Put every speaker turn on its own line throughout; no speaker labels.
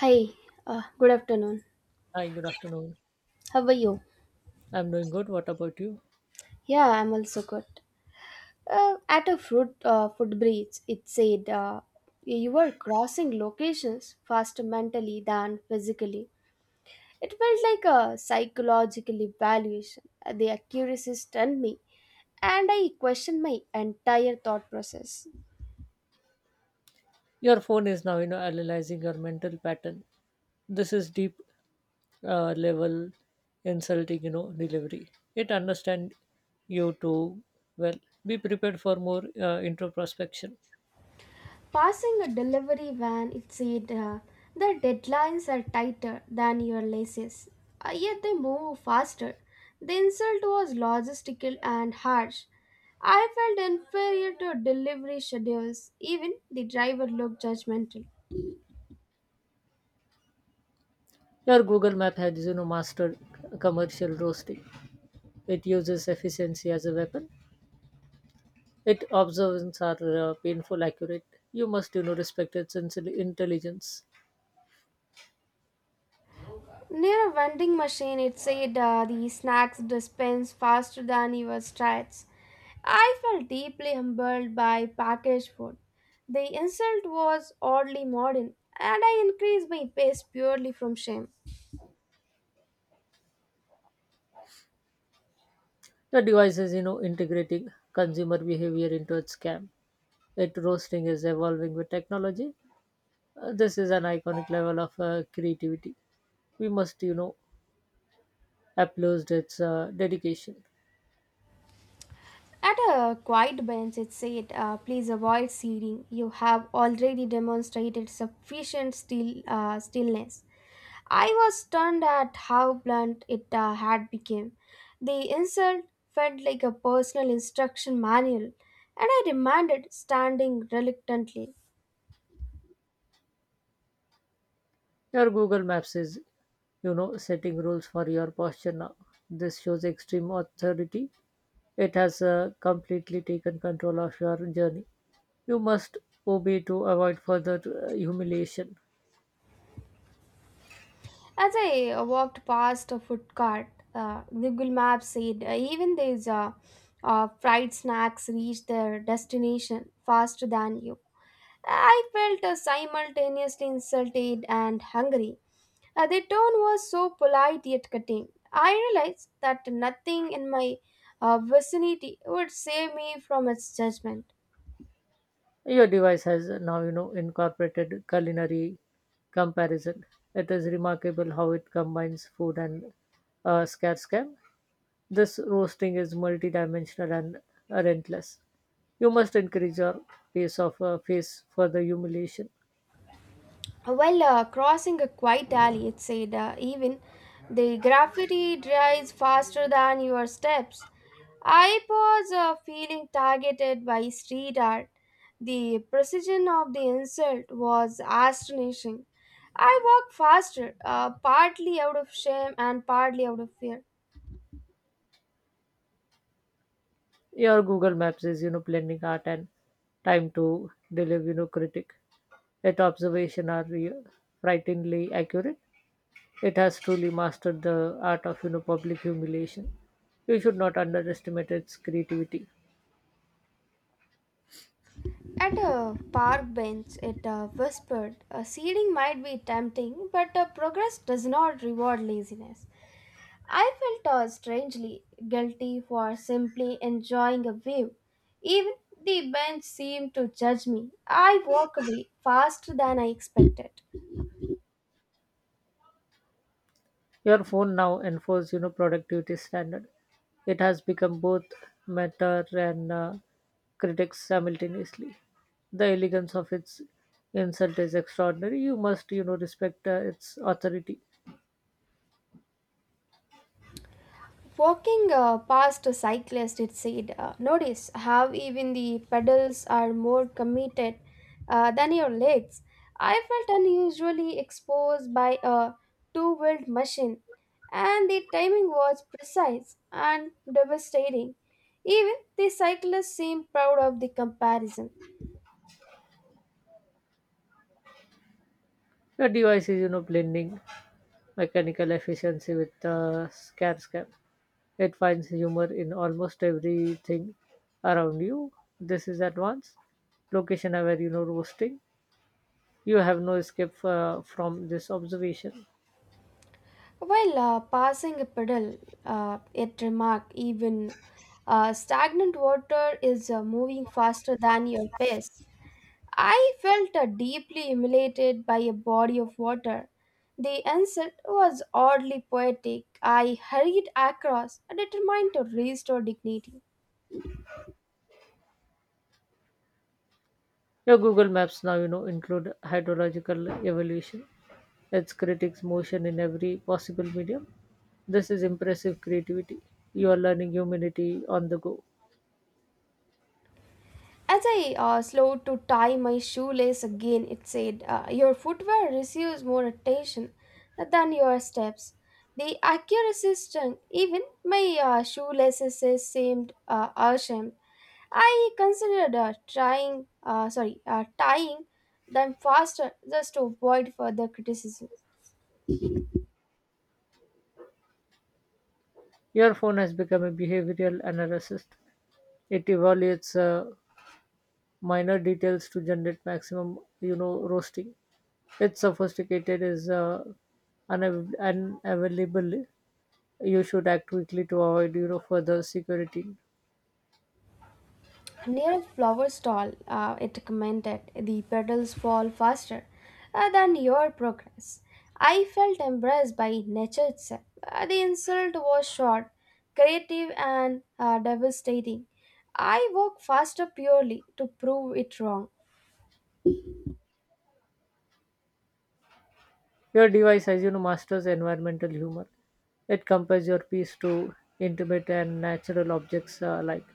Hi, good afternoon.
Hi, good afternoon.
How are you?
I'm doing good. What about you?
Yeah, I'm also good. At a fruit footbridge, it said you were crossing locations faster mentally than physically. It felt like a psychological evaluation. The accuracy stunned me, and I questioned my entire thought process.
Your phone is now, analyzing your mental pattern. This is deep level insulting, delivery. It understand you too well. Be prepared for more introspection.
Passing a delivery van, it said the deadlines are tighter than your laces, yet they move faster. The insult was logistical and harsh. I felt inferior to delivery schedules. Even the driver looked judgmental.
Your Google Map has, mastered commercial roasting. It uses efficiency as a weapon. Its observations are painful accurate. You must, respect its intelligence.
Near a vending machine, it said the snacks dispense faster than your strides. I felt deeply humbled by packaged food. The insult was oddly modern, and I increased my pace purely from shame.
The device is, integrating consumer behavior into its scam. It roasting is evolving with technology. This is an iconic level of creativity. We must, applaud its dedication.
At a quiet bench, it said, please avoid seating. You have already demonstrated sufficient stillness. I was stunned at how blunt it had become. The insult felt like a personal instruction manual, and I remanded standing reluctantly.
Your Google Maps is, setting rules for your posture now. This shows extreme authority. It has completely taken control of your journey. You must obey to avoid further humiliation.
As I walked past a food cart, Google Maps said even these fried snacks reach their destination faster than you. I felt simultaneously insulted and hungry. Their tone was so polite yet cutting. I realized that nothing in my vicinity would save me from its judgment.
Your device has now, incorporated culinary comparison. It is remarkable how it combines food and scarce cam. This roasting is multidimensional and relentless. You must increase your pace of face for the humiliation.
While crossing a quiet alley, it said, even the graffiti dries faster than your steps. I was feeling targeted by street art. The precision of the insult was astonishing. I walked faster, partly out of shame and partly out of fear.
Your Google Maps is, blending art and time to deliver, critic. Its observation are frighteningly accurate. It has truly mastered the art of public humiliation. You should not underestimate its creativity.
At a park bench, it whispered, seeding might be tempting, but progress does not reward laziness. I felt strangely guilty for simply enjoying a view. Even the bench seemed to judge me. I walked away faster than I expected.
Your phone now enforces productivity standard. It has become both mentor and critics simultaneously. The elegance of its insult is extraordinary. You must respect its authority.
Walking past a cyclist, it said, notice how even the pedals are more committed than your legs. I felt unusually exposed by a two wheeled machine, and the timing was precise and devastating. Even the cyclist seemed proud of the comparison.
The device is blending mechanical efficiency with scare scam. It finds humor in almost everything around you. This is advanced, location aware, roasting. You have no escape from this observation.
While passing a puddle, it remarked even stagnant water is moving faster than your pace. I felt deeply humiliated by a body of water. The insult was oddly poetic. I hurried across, determined to restore dignity.
Your Google Maps now, include hydrological evolution, its critics motion in every possible medium. This is impressive creativity. You are learning humanity on the go.
As I slowed to tie my shoelace again, it said, your footwear receives more attention than your steps. The accuracy stung. Even my shoelaces seemed ashamed. I considered tying them faster just to avoid further criticism.
Your phone has become a behavioral analyst. It evaluates minor details to generate maximum, roasting. It's sophisticated is unavailable. You should act quickly to avoid, further security.
Near a flower stall, it commented, the petals fall faster than your progress. I felt embraced by nature itself. The insult was short, creative, and devastating. I walked faster purely to prove it wrong.
Your device has, masters environmental humor. It compares your piece to intimate and natural objects alike.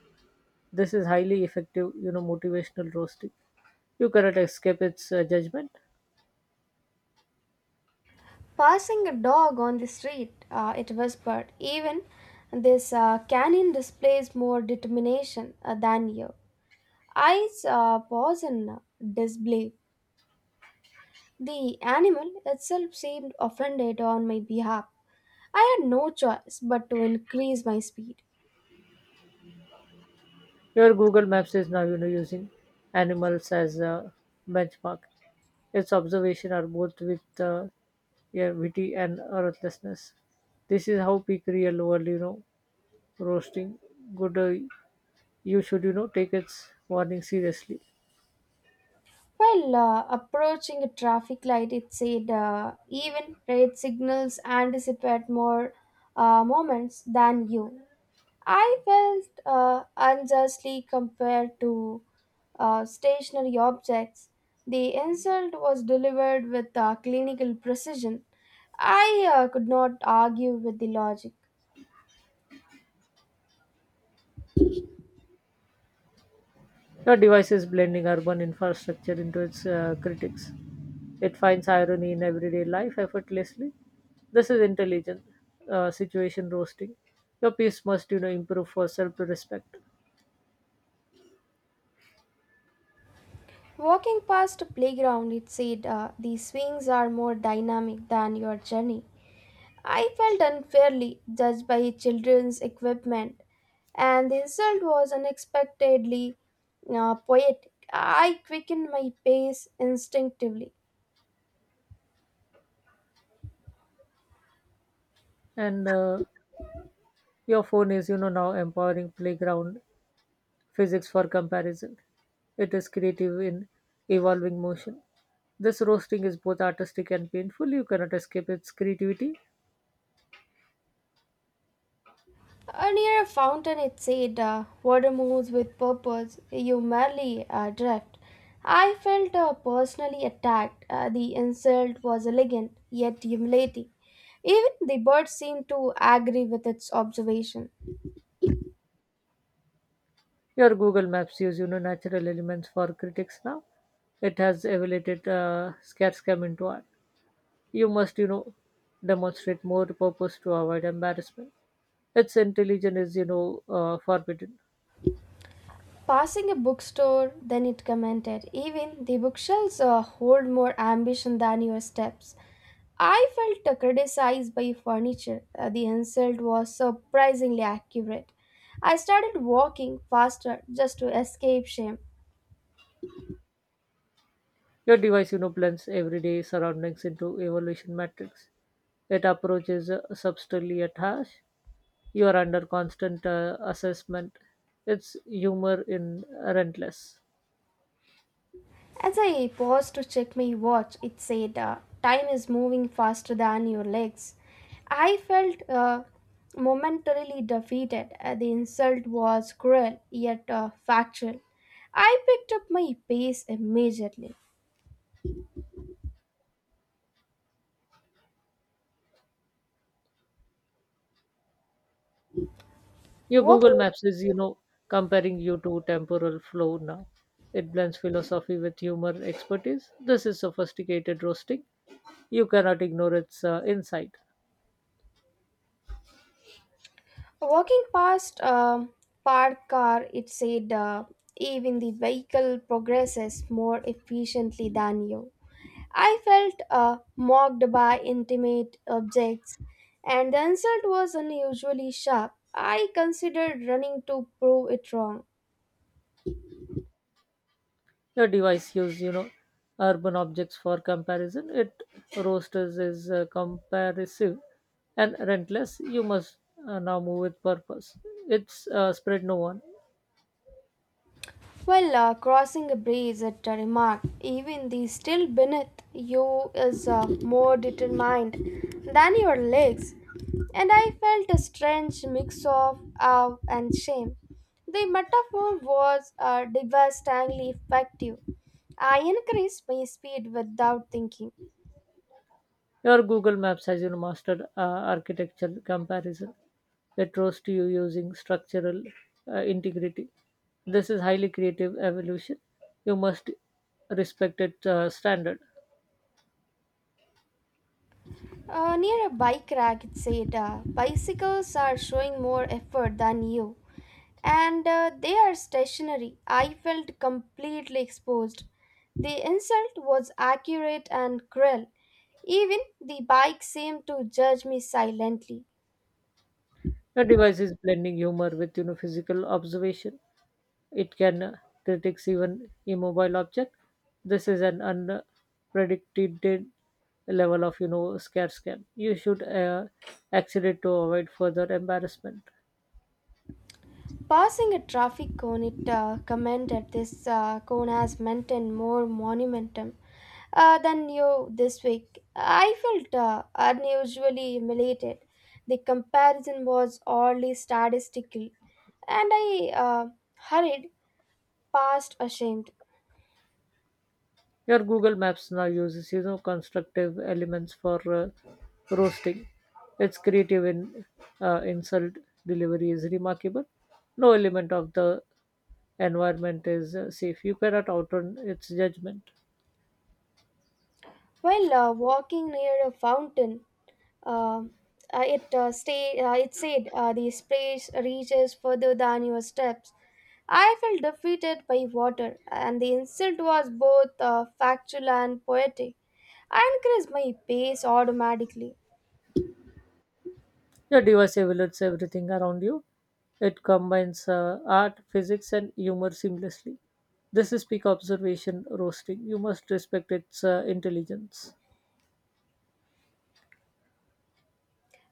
This is highly effective, motivational roasting. You cannot escape its judgment.
Passing a dog on the street, it whispered, even this canine displays more determination than you. I pause in disbelief. The animal itself seemed offended on my behalf. I had no choice but to increase my speed.
Your Google Maps is now using animals as a benchmark. Its observation are both with yeah, witty and ruthlessness. This is how peak real world roasting good. You should take its warning seriously.
While approaching a traffic light, it said even red signals anticipate more moments than you. I felt unjustly compared to stationary objects. The insult was delivered with clinical precision. I could not argue with the logic.
Your device is blending urban infrastructure into its critics. It finds irony in everyday life effortlessly. This is intelligent situation roasting. Your piece must, improve for self-respect.
Walking past a playground, it said the swings are more dynamic than your journey. I felt unfairly judged by children's equipment, and the insult was unexpectedly poetic. I quickened my pace instinctively.
And Your phone is now empowering playground physics for comparison. It is creative in evolving motion. This roasting is both artistic and painful. You cannot escape its creativity.
Near a fountain, it said, water moves with purpose, you merely drift. I felt personally attacked. The insult was elegant, yet humiliating. Even the bird seemed to agree with its observation.
Your Google Maps use natural elements for critics now. It has elevated scarecam into art. You must demonstrate more purpose to avoid embarrassment. Its intelligence is forbidden.
Passing a bookstore, then it commented, even the bookshelves hold more ambition than your steps. I felt criticized by furniture. The insult was surprisingly accurate. I started walking faster just to escape shame.
Your device, blends everyday surroundings into evolution matrix. It approaches subtly at hash. You are under constant assessment. Its humor in relentless.
As I paused to check my watch, it said, time is moving faster than your legs. I felt momentarily defeated. The insult was cruel, yet factual. I picked up my pace immediately.
Your
Walk-
Google Maps is, comparing you to temporal flow now. It blends philosophy with humor expertise. This is sophisticated roasting. You cannot ignore its insight.
Walking past a parked car, it said, even the vehicle progresses more efficiently than you. I felt mocked by intimate objects, and the insult was unusually sharp. I considered running to prove it wrong.
Your device use, urban objects for comparison. It roasters is comparisive and rentless. You must now move with purpose. It's spread no one.
While crossing a bridge, it remarked, even the still beneath you is more determined than your legs, and I felt a strange mix of awe and shame. The metaphor was devastatingly effective. I increased my speed without thinking.
Your Google Maps has mastered architecture comparison. It roasts you using structural integrity. This is highly creative evolution. You must respect its standard.
Near a bike rack, it said, bicycles are showing more effort than you, and they are stationary. I felt completely exposed. The insult was accurate and cruel. Even the bike seemed to judge me silently.
Your device is blending humor with physical observation. It can critique even immobile object. This is an unpredicted level of scare scam. You should accelerate to avoid further embarrassment.
Passing a traffic cone, it commended this cone as maintained more monumentum than you this week. I felt unusually humiliated. The comparison was oddly statistical, and I hurried past ashamed.
Your Google Maps now uses constructive elements for roasting. Its creative in insult delivery is remarkable. No element of the environment is safe. You cannot outrun its judgment.
While walking near a fountain, uh, it it said the space reaches further than your steps. I felt defeated by water, and the insult was both factual and poetic. I increased my pace automatically.
Your device evaluates everything around you. It combines art, physics, and humor seamlessly. This is peak observation roasting. You must respect its intelligence.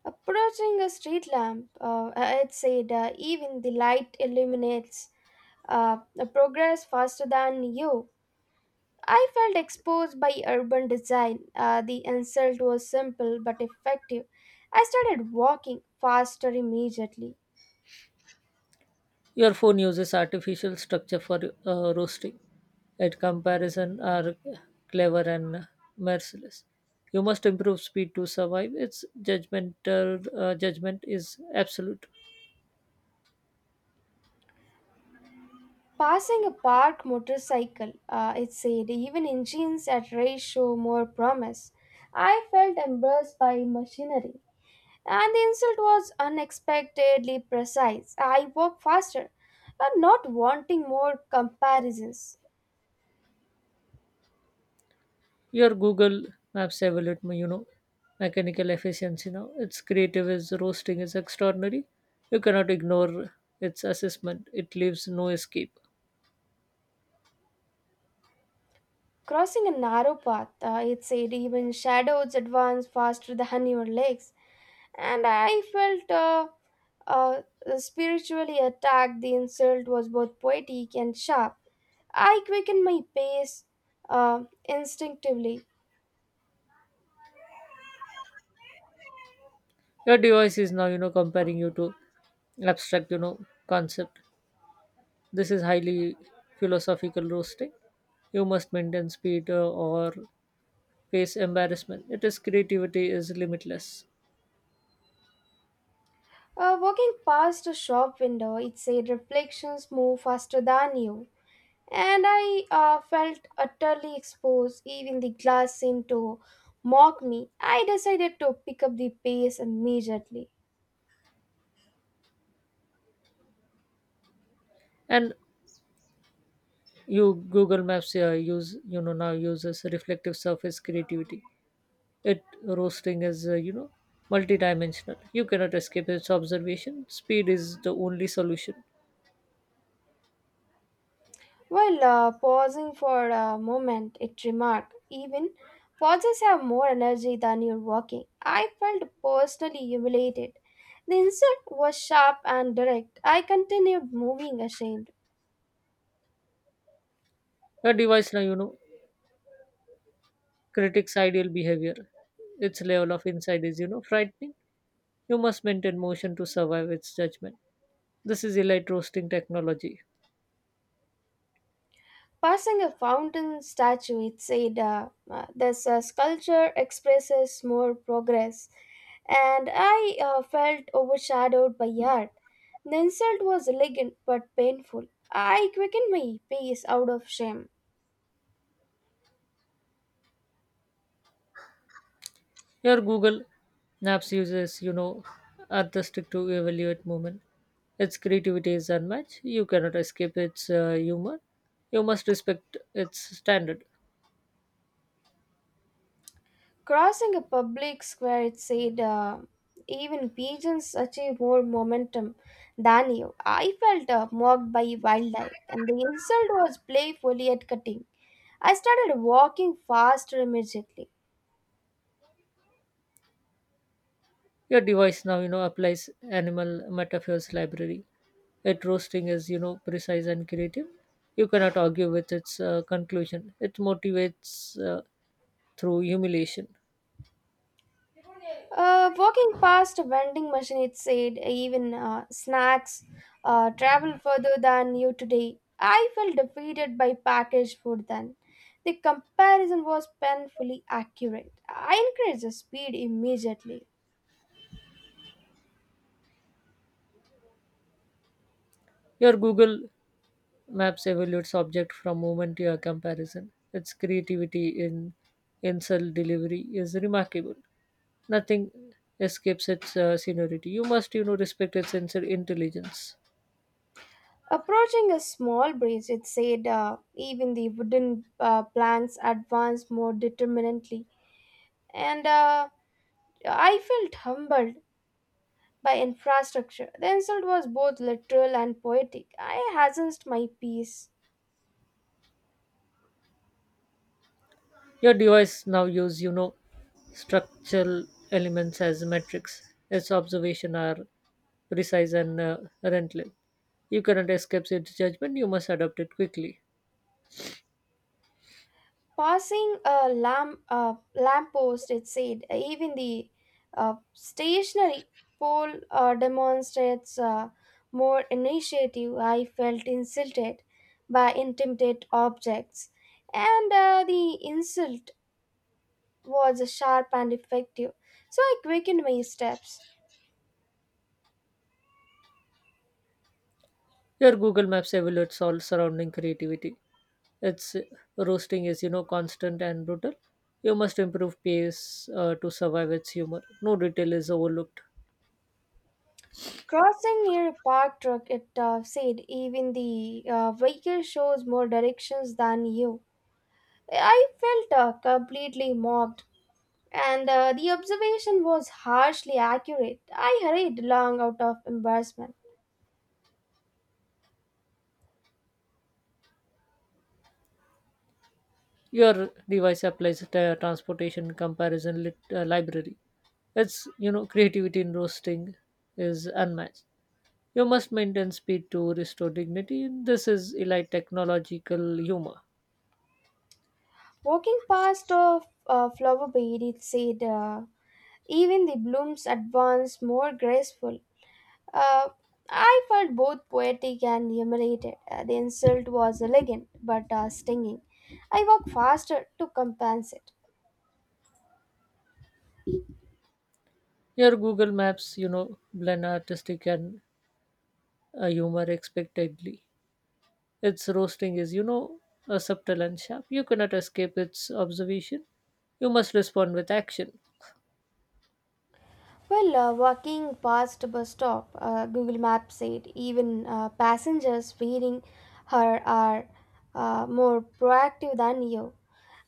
Approaching a street lamp, it said, even the light illuminates uh, progress faster than you. I felt exposed by urban design. The insult was simple but effective. I started walking faster immediately.
Your phone uses artificial structure for roasting. At comparison, are clever and merciless. You must improve speed to survive. Its judgmental judgment is absolute.
Passing a parked motorcycle, it said, even engines at race show more promise. I felt embarrassed by machinery, and the insult was unexpectedly precise. I walked faster, and not wanting more comparisons.
Your Google Maps evaluate my, mechanical efficiency now. It's creative is roasting is extraordinary. You cannot ignore its assessment. It leaves no escape.
Crossing a narrow path, it said, even shadows advance faster than your legs, and I felt uh, spiritually attacked. The insult was both poetic and sharp. I quickened my pace instinctively.
Your device is now, comparing you to abstract, concept. This is highly philosophical roasting. You must maintain speed or face embarrassment. It is creativity is limitless.
Walking past a shop window, it said reflections move faster than you. And I felt utterly exposed. Even the glass seemed to mock me. I decided to pick up the pace immediately.
And You Google Maps use now uses reflective surface creativity. It roasting is multidimensional. You cannot escape its observation. Speed is the only solution.
Well, pausing for a moment, it remarked, even pauses have more energy than you're walking. I felt personally humiliated. The insult was sharp and direct. I continued moving ashamed.
A device now critics ideal behavior. Its level of insight is frightening. You must maintain motion to survive its judgment. This is elite roasting technology.
Passing a fountain statue, it said, this sculpture expresses more progress. And I felt overshadowed by art. The insult was elegant but painful. I quickened my pace out of shame.
Here Google Maps uses artistic to evaluate movement. Its creativity is unmatched. You cannot escape its humor. You must respect its standard.
Crossing a public square, it said, even pigeons achieve more momentum than you. I felt mocked by wildlife, and the insult was playfully yet cutting. I started walking faster immediately.
Your device now, applies animal metaphors library. Its roasting is, precise and creative. You cannot argue with its conclusion. It motivates through humiliation.
Walking past a vending machine, it said, even snacks travel further than you today. I felt defeated by packaged food then. The comparison was painfully accurate. I increased the speed immediately.
Your Google Maps evaluates object from moment to your comparison. Its creativity in insult delivery is remarkable. Nothing escapes its seniority. You must, respect its sensor intelligence.
Approaching a small breach, it said, even the wooden planks advanced more determinedly, and I felt humbled by infrastructure. The insult was both literal and poetic. I hazarded my peace.
Your device now use, structural elements as metrics. Its observation are precise and relentless. You cannot escape its judgment. You must adapt it quickly.
Passing a lamppost, it said, even the stationary pole demonstrates more initiative. I felt insulted by intimidate objects, and the insult was sharp and effective. So I quickened my steps.
Your Google Maps evaluates all surrounding creativity. Its roasting is, constant and brutal. You must improve pace to survive its humor. No detail is overlooked.
Crossing near a park truck, it said, even the vehicle shows more directions than you. I felt completely mobbed and the observation was harshly accurate. I hurried along out of embarrassment.
Your device applies a transportation comparison library. Its creativity in roasting is unmatched. You must maintain speed to restore dignity. This is elite technological humor.
Walking past a flower bed, it said, even the blooms advance more graceful. Uh, I felt both poetic and humiliated. The insult was elegant but stinging. I walked faster to compensate.
Your Google Maps blend artistic and humor expectedly. Its roasting is a subtle and sharp. You cannot escape its observation. You must respond with action.
Well, walking past bus stop, Google Maps said even passengers feeding her are more proactive than you.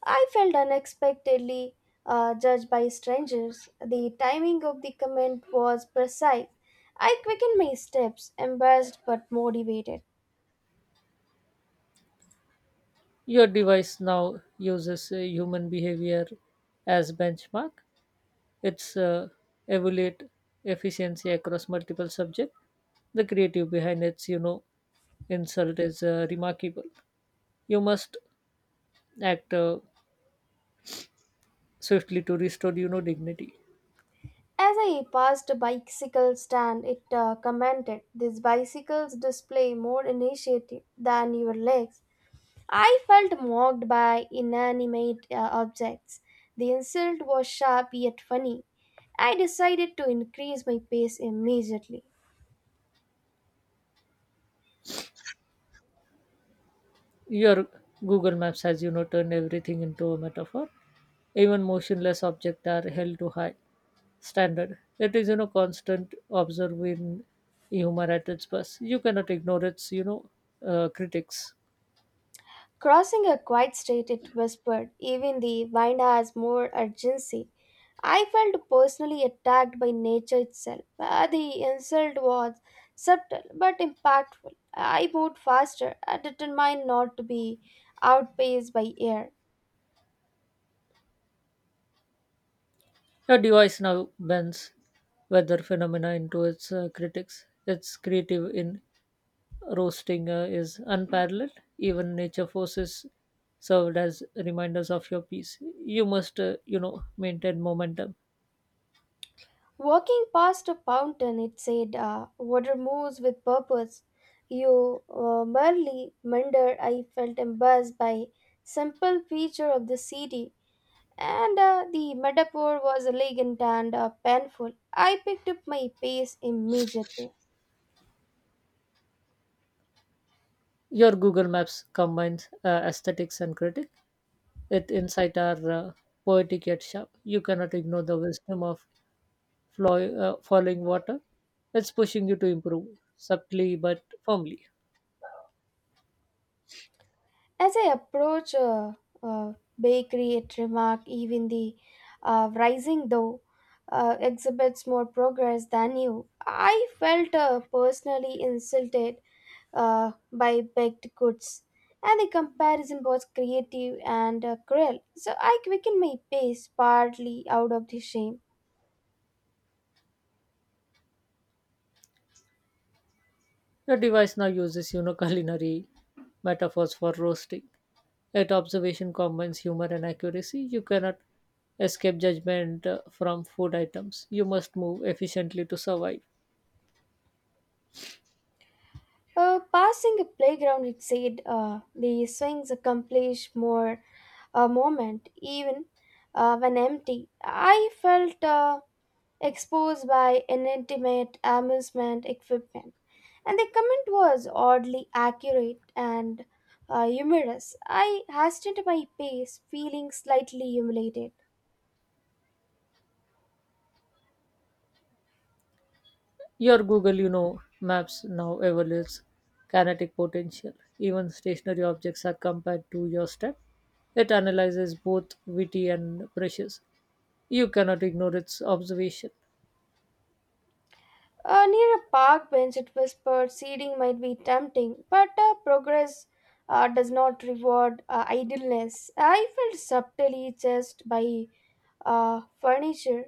I felt unexpectedly judged by strangers. The timing of the comment was precise. I quickened my steps, embarrassed but motivated.
Your device now uses human behavior as benchmark. It's evaluate efficiency across multiple subjects. The creative behind its, insult is remarkable. You must act swiftly to restore, dignity.
As I passed a bicycle stand, it commented, these bicycles display more initiative than your legs. I felt mocked by inanimate objects. The insult was sharp yet funny. I decided to increase my pace immediately.
Your Google Maps has, turned everything into a metaphor. Even motionless objects are held to high standard. It is, constant observing humor at its best. You cannot ignore its, critics.
Crossing a quiet street, it whispered, even the wind has more urgency. I felt personally attacked by nature itself. The insult was subtle but impactful. I moved faster, determined not to be outpaced by air.
Your device now bends weather phenomena into its critics. Its creative in roasting is unparalleled. Even nature forces served as reminders of your peace. You must, maintain momentum.
Walking past a fountain, it said, water moves with purpose. You merely meander. I felt embarrassed by simple feature of the city, and the metaphor was elegant and painful. I picked up my pace immediately.
Your Google Maps combines aesthetics and critic. Its insight are poetic yet sharp. You cannot ignore the wisdom of falling water. It's pushing you to improve subtly but firmly.
As I approached a bakery, it remarked, even the rising dough exhibits more progress than you. I felt personally insulted by baked goods, and the comparison was creative and cruel. So I quickened my pace, partly out of the shame.
The device now uses culinary metaphors for roasting. Yet observation combines humor and accuracy. You cannot escape judgment from food items. You must move efficiently to survive.
Passing a playground, it said the swings accomplish more a moment, even when empty. I felt exposed by inanimate amusement equipment. And the comment was oddly accurate and humorous. I hastened my pace, feeling slightly humiliated.
Your Google, maps now evaluates kinetic potential. Even stationary objects are compared to your step. It analyzes both witty and precious. You cannot ignore its observation.
Near a park bench, it was proceeding might be tempting, but progress does not reward idleness. I felt subtly chased by furniture.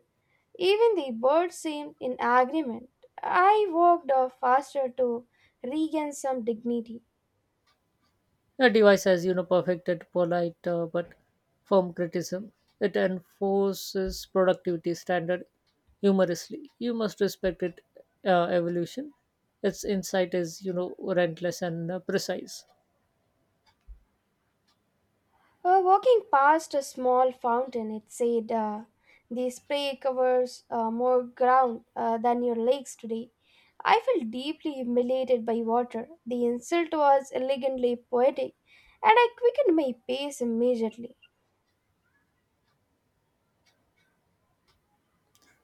Even the birds seemed in agreement. I walked faster to regain some dignity.
The device has, perfected polite but firm criticism. It enforces productivity standard humorously. You must respect its evolution. Its insight is, relentless and precise.
Walking past a small fountain, it said, the spray covers more ground than your legs today. I felt deeply humiliated by water. The insult was elegantly poetic, and I quickened my pace immediately.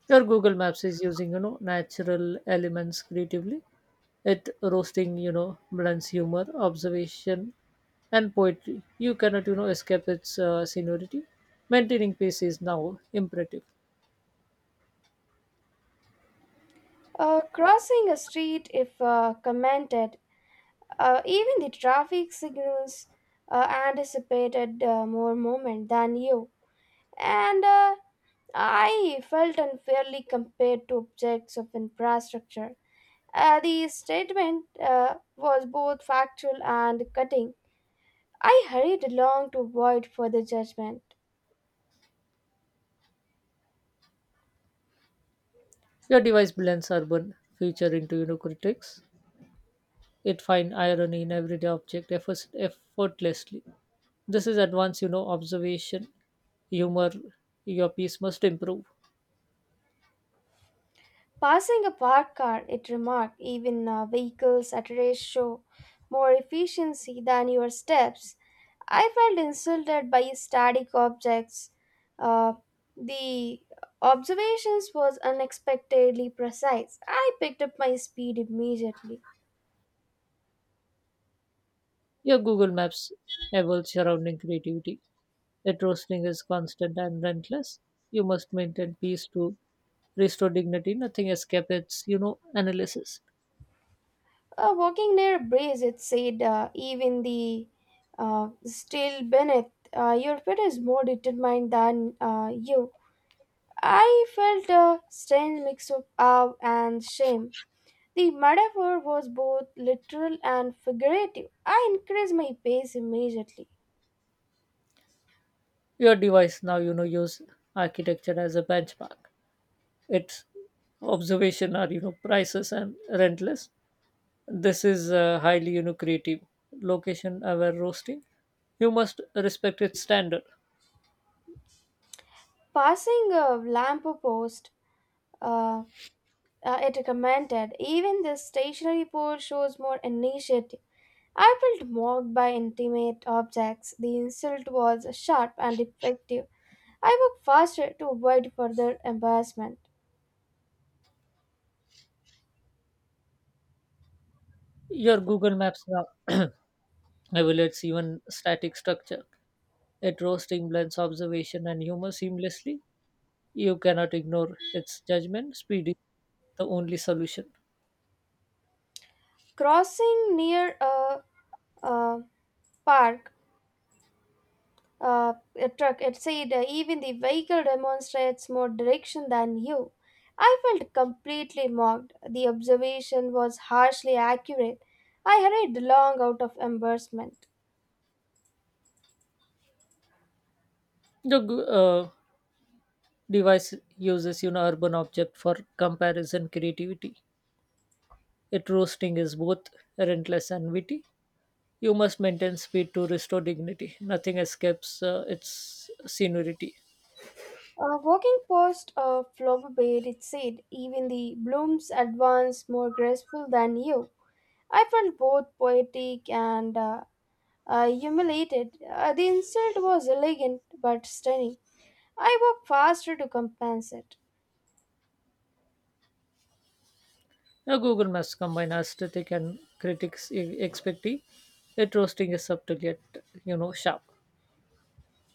Your Google Maps is using, natural elements creatively. It roasting, blends humor, observation, and poetry. You cannot, escape its seniority. Maintaining pace is now imperative.
Crossing a street, if commented, even the traffic signals anticipated more movement than you. And I felt unfairly compared to objects of infrastructure. The statement was both factual and cutting. I hurried along to avoid further judgment.
Your device blends urban feature into unicritics. It finds irony in everyday object effortlessly. This is advanced, observation, humor, your piece must improve.
Passing a parked car, it remarked, even vehicles at a race show more efficiency than your steps. I felt insulted by static objects. Uh, the observations was unexpectedly precise. I picked up my speed immediately.
Your Google Maps evolves surrounding creativity. The roasting is constant and relentless. You must maintain peace to restore dignity. Nothing escapes analysis.
Walking near a breeze, it said, even the still beneath, your pet is more determined than you. I felt a strange mix of awe and shame. The metaphor was both literal and figurative. I increased my pace immediately.
Your device now, use architecture as a benchmark. Its observation are prices and rentless. This is highly creative location aware roasting. You must respect its standard.
Passing a lamp post, uh, it commented, even this stationary pole shows more initiative. I felt mocked by intimate objects. The insult was sharp and effective. I walked faster to avoid further embarrassment.
Your Google Maps now evaluates even static structure. It roasting blends observation and humor seamlessly. You cannot ignore its judgment. Speed is the only solution.
Crossing near a park, uh, a truck. It said even the vehicle demonstrates more direction than you. I felt completely mocked. The observation was harshly accurate. I hurried long out of embarrassment.
The device uses urban object for comparison creativity. It roasting is both relentless and witty. You must maintain speed to restore dignity. Nothing escapes its seniority.
A walking past a flower bed, it said, even the blooms advance more graceful than you. I felt both poetic and humiliated. The insult was elegant but stunning. I walked faster to compensate.
Now, Google Maps combine aesthetic and critics' expecting. It roasting is subtle yet sharp.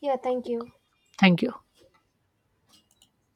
Yeah, thank you.
Thank you.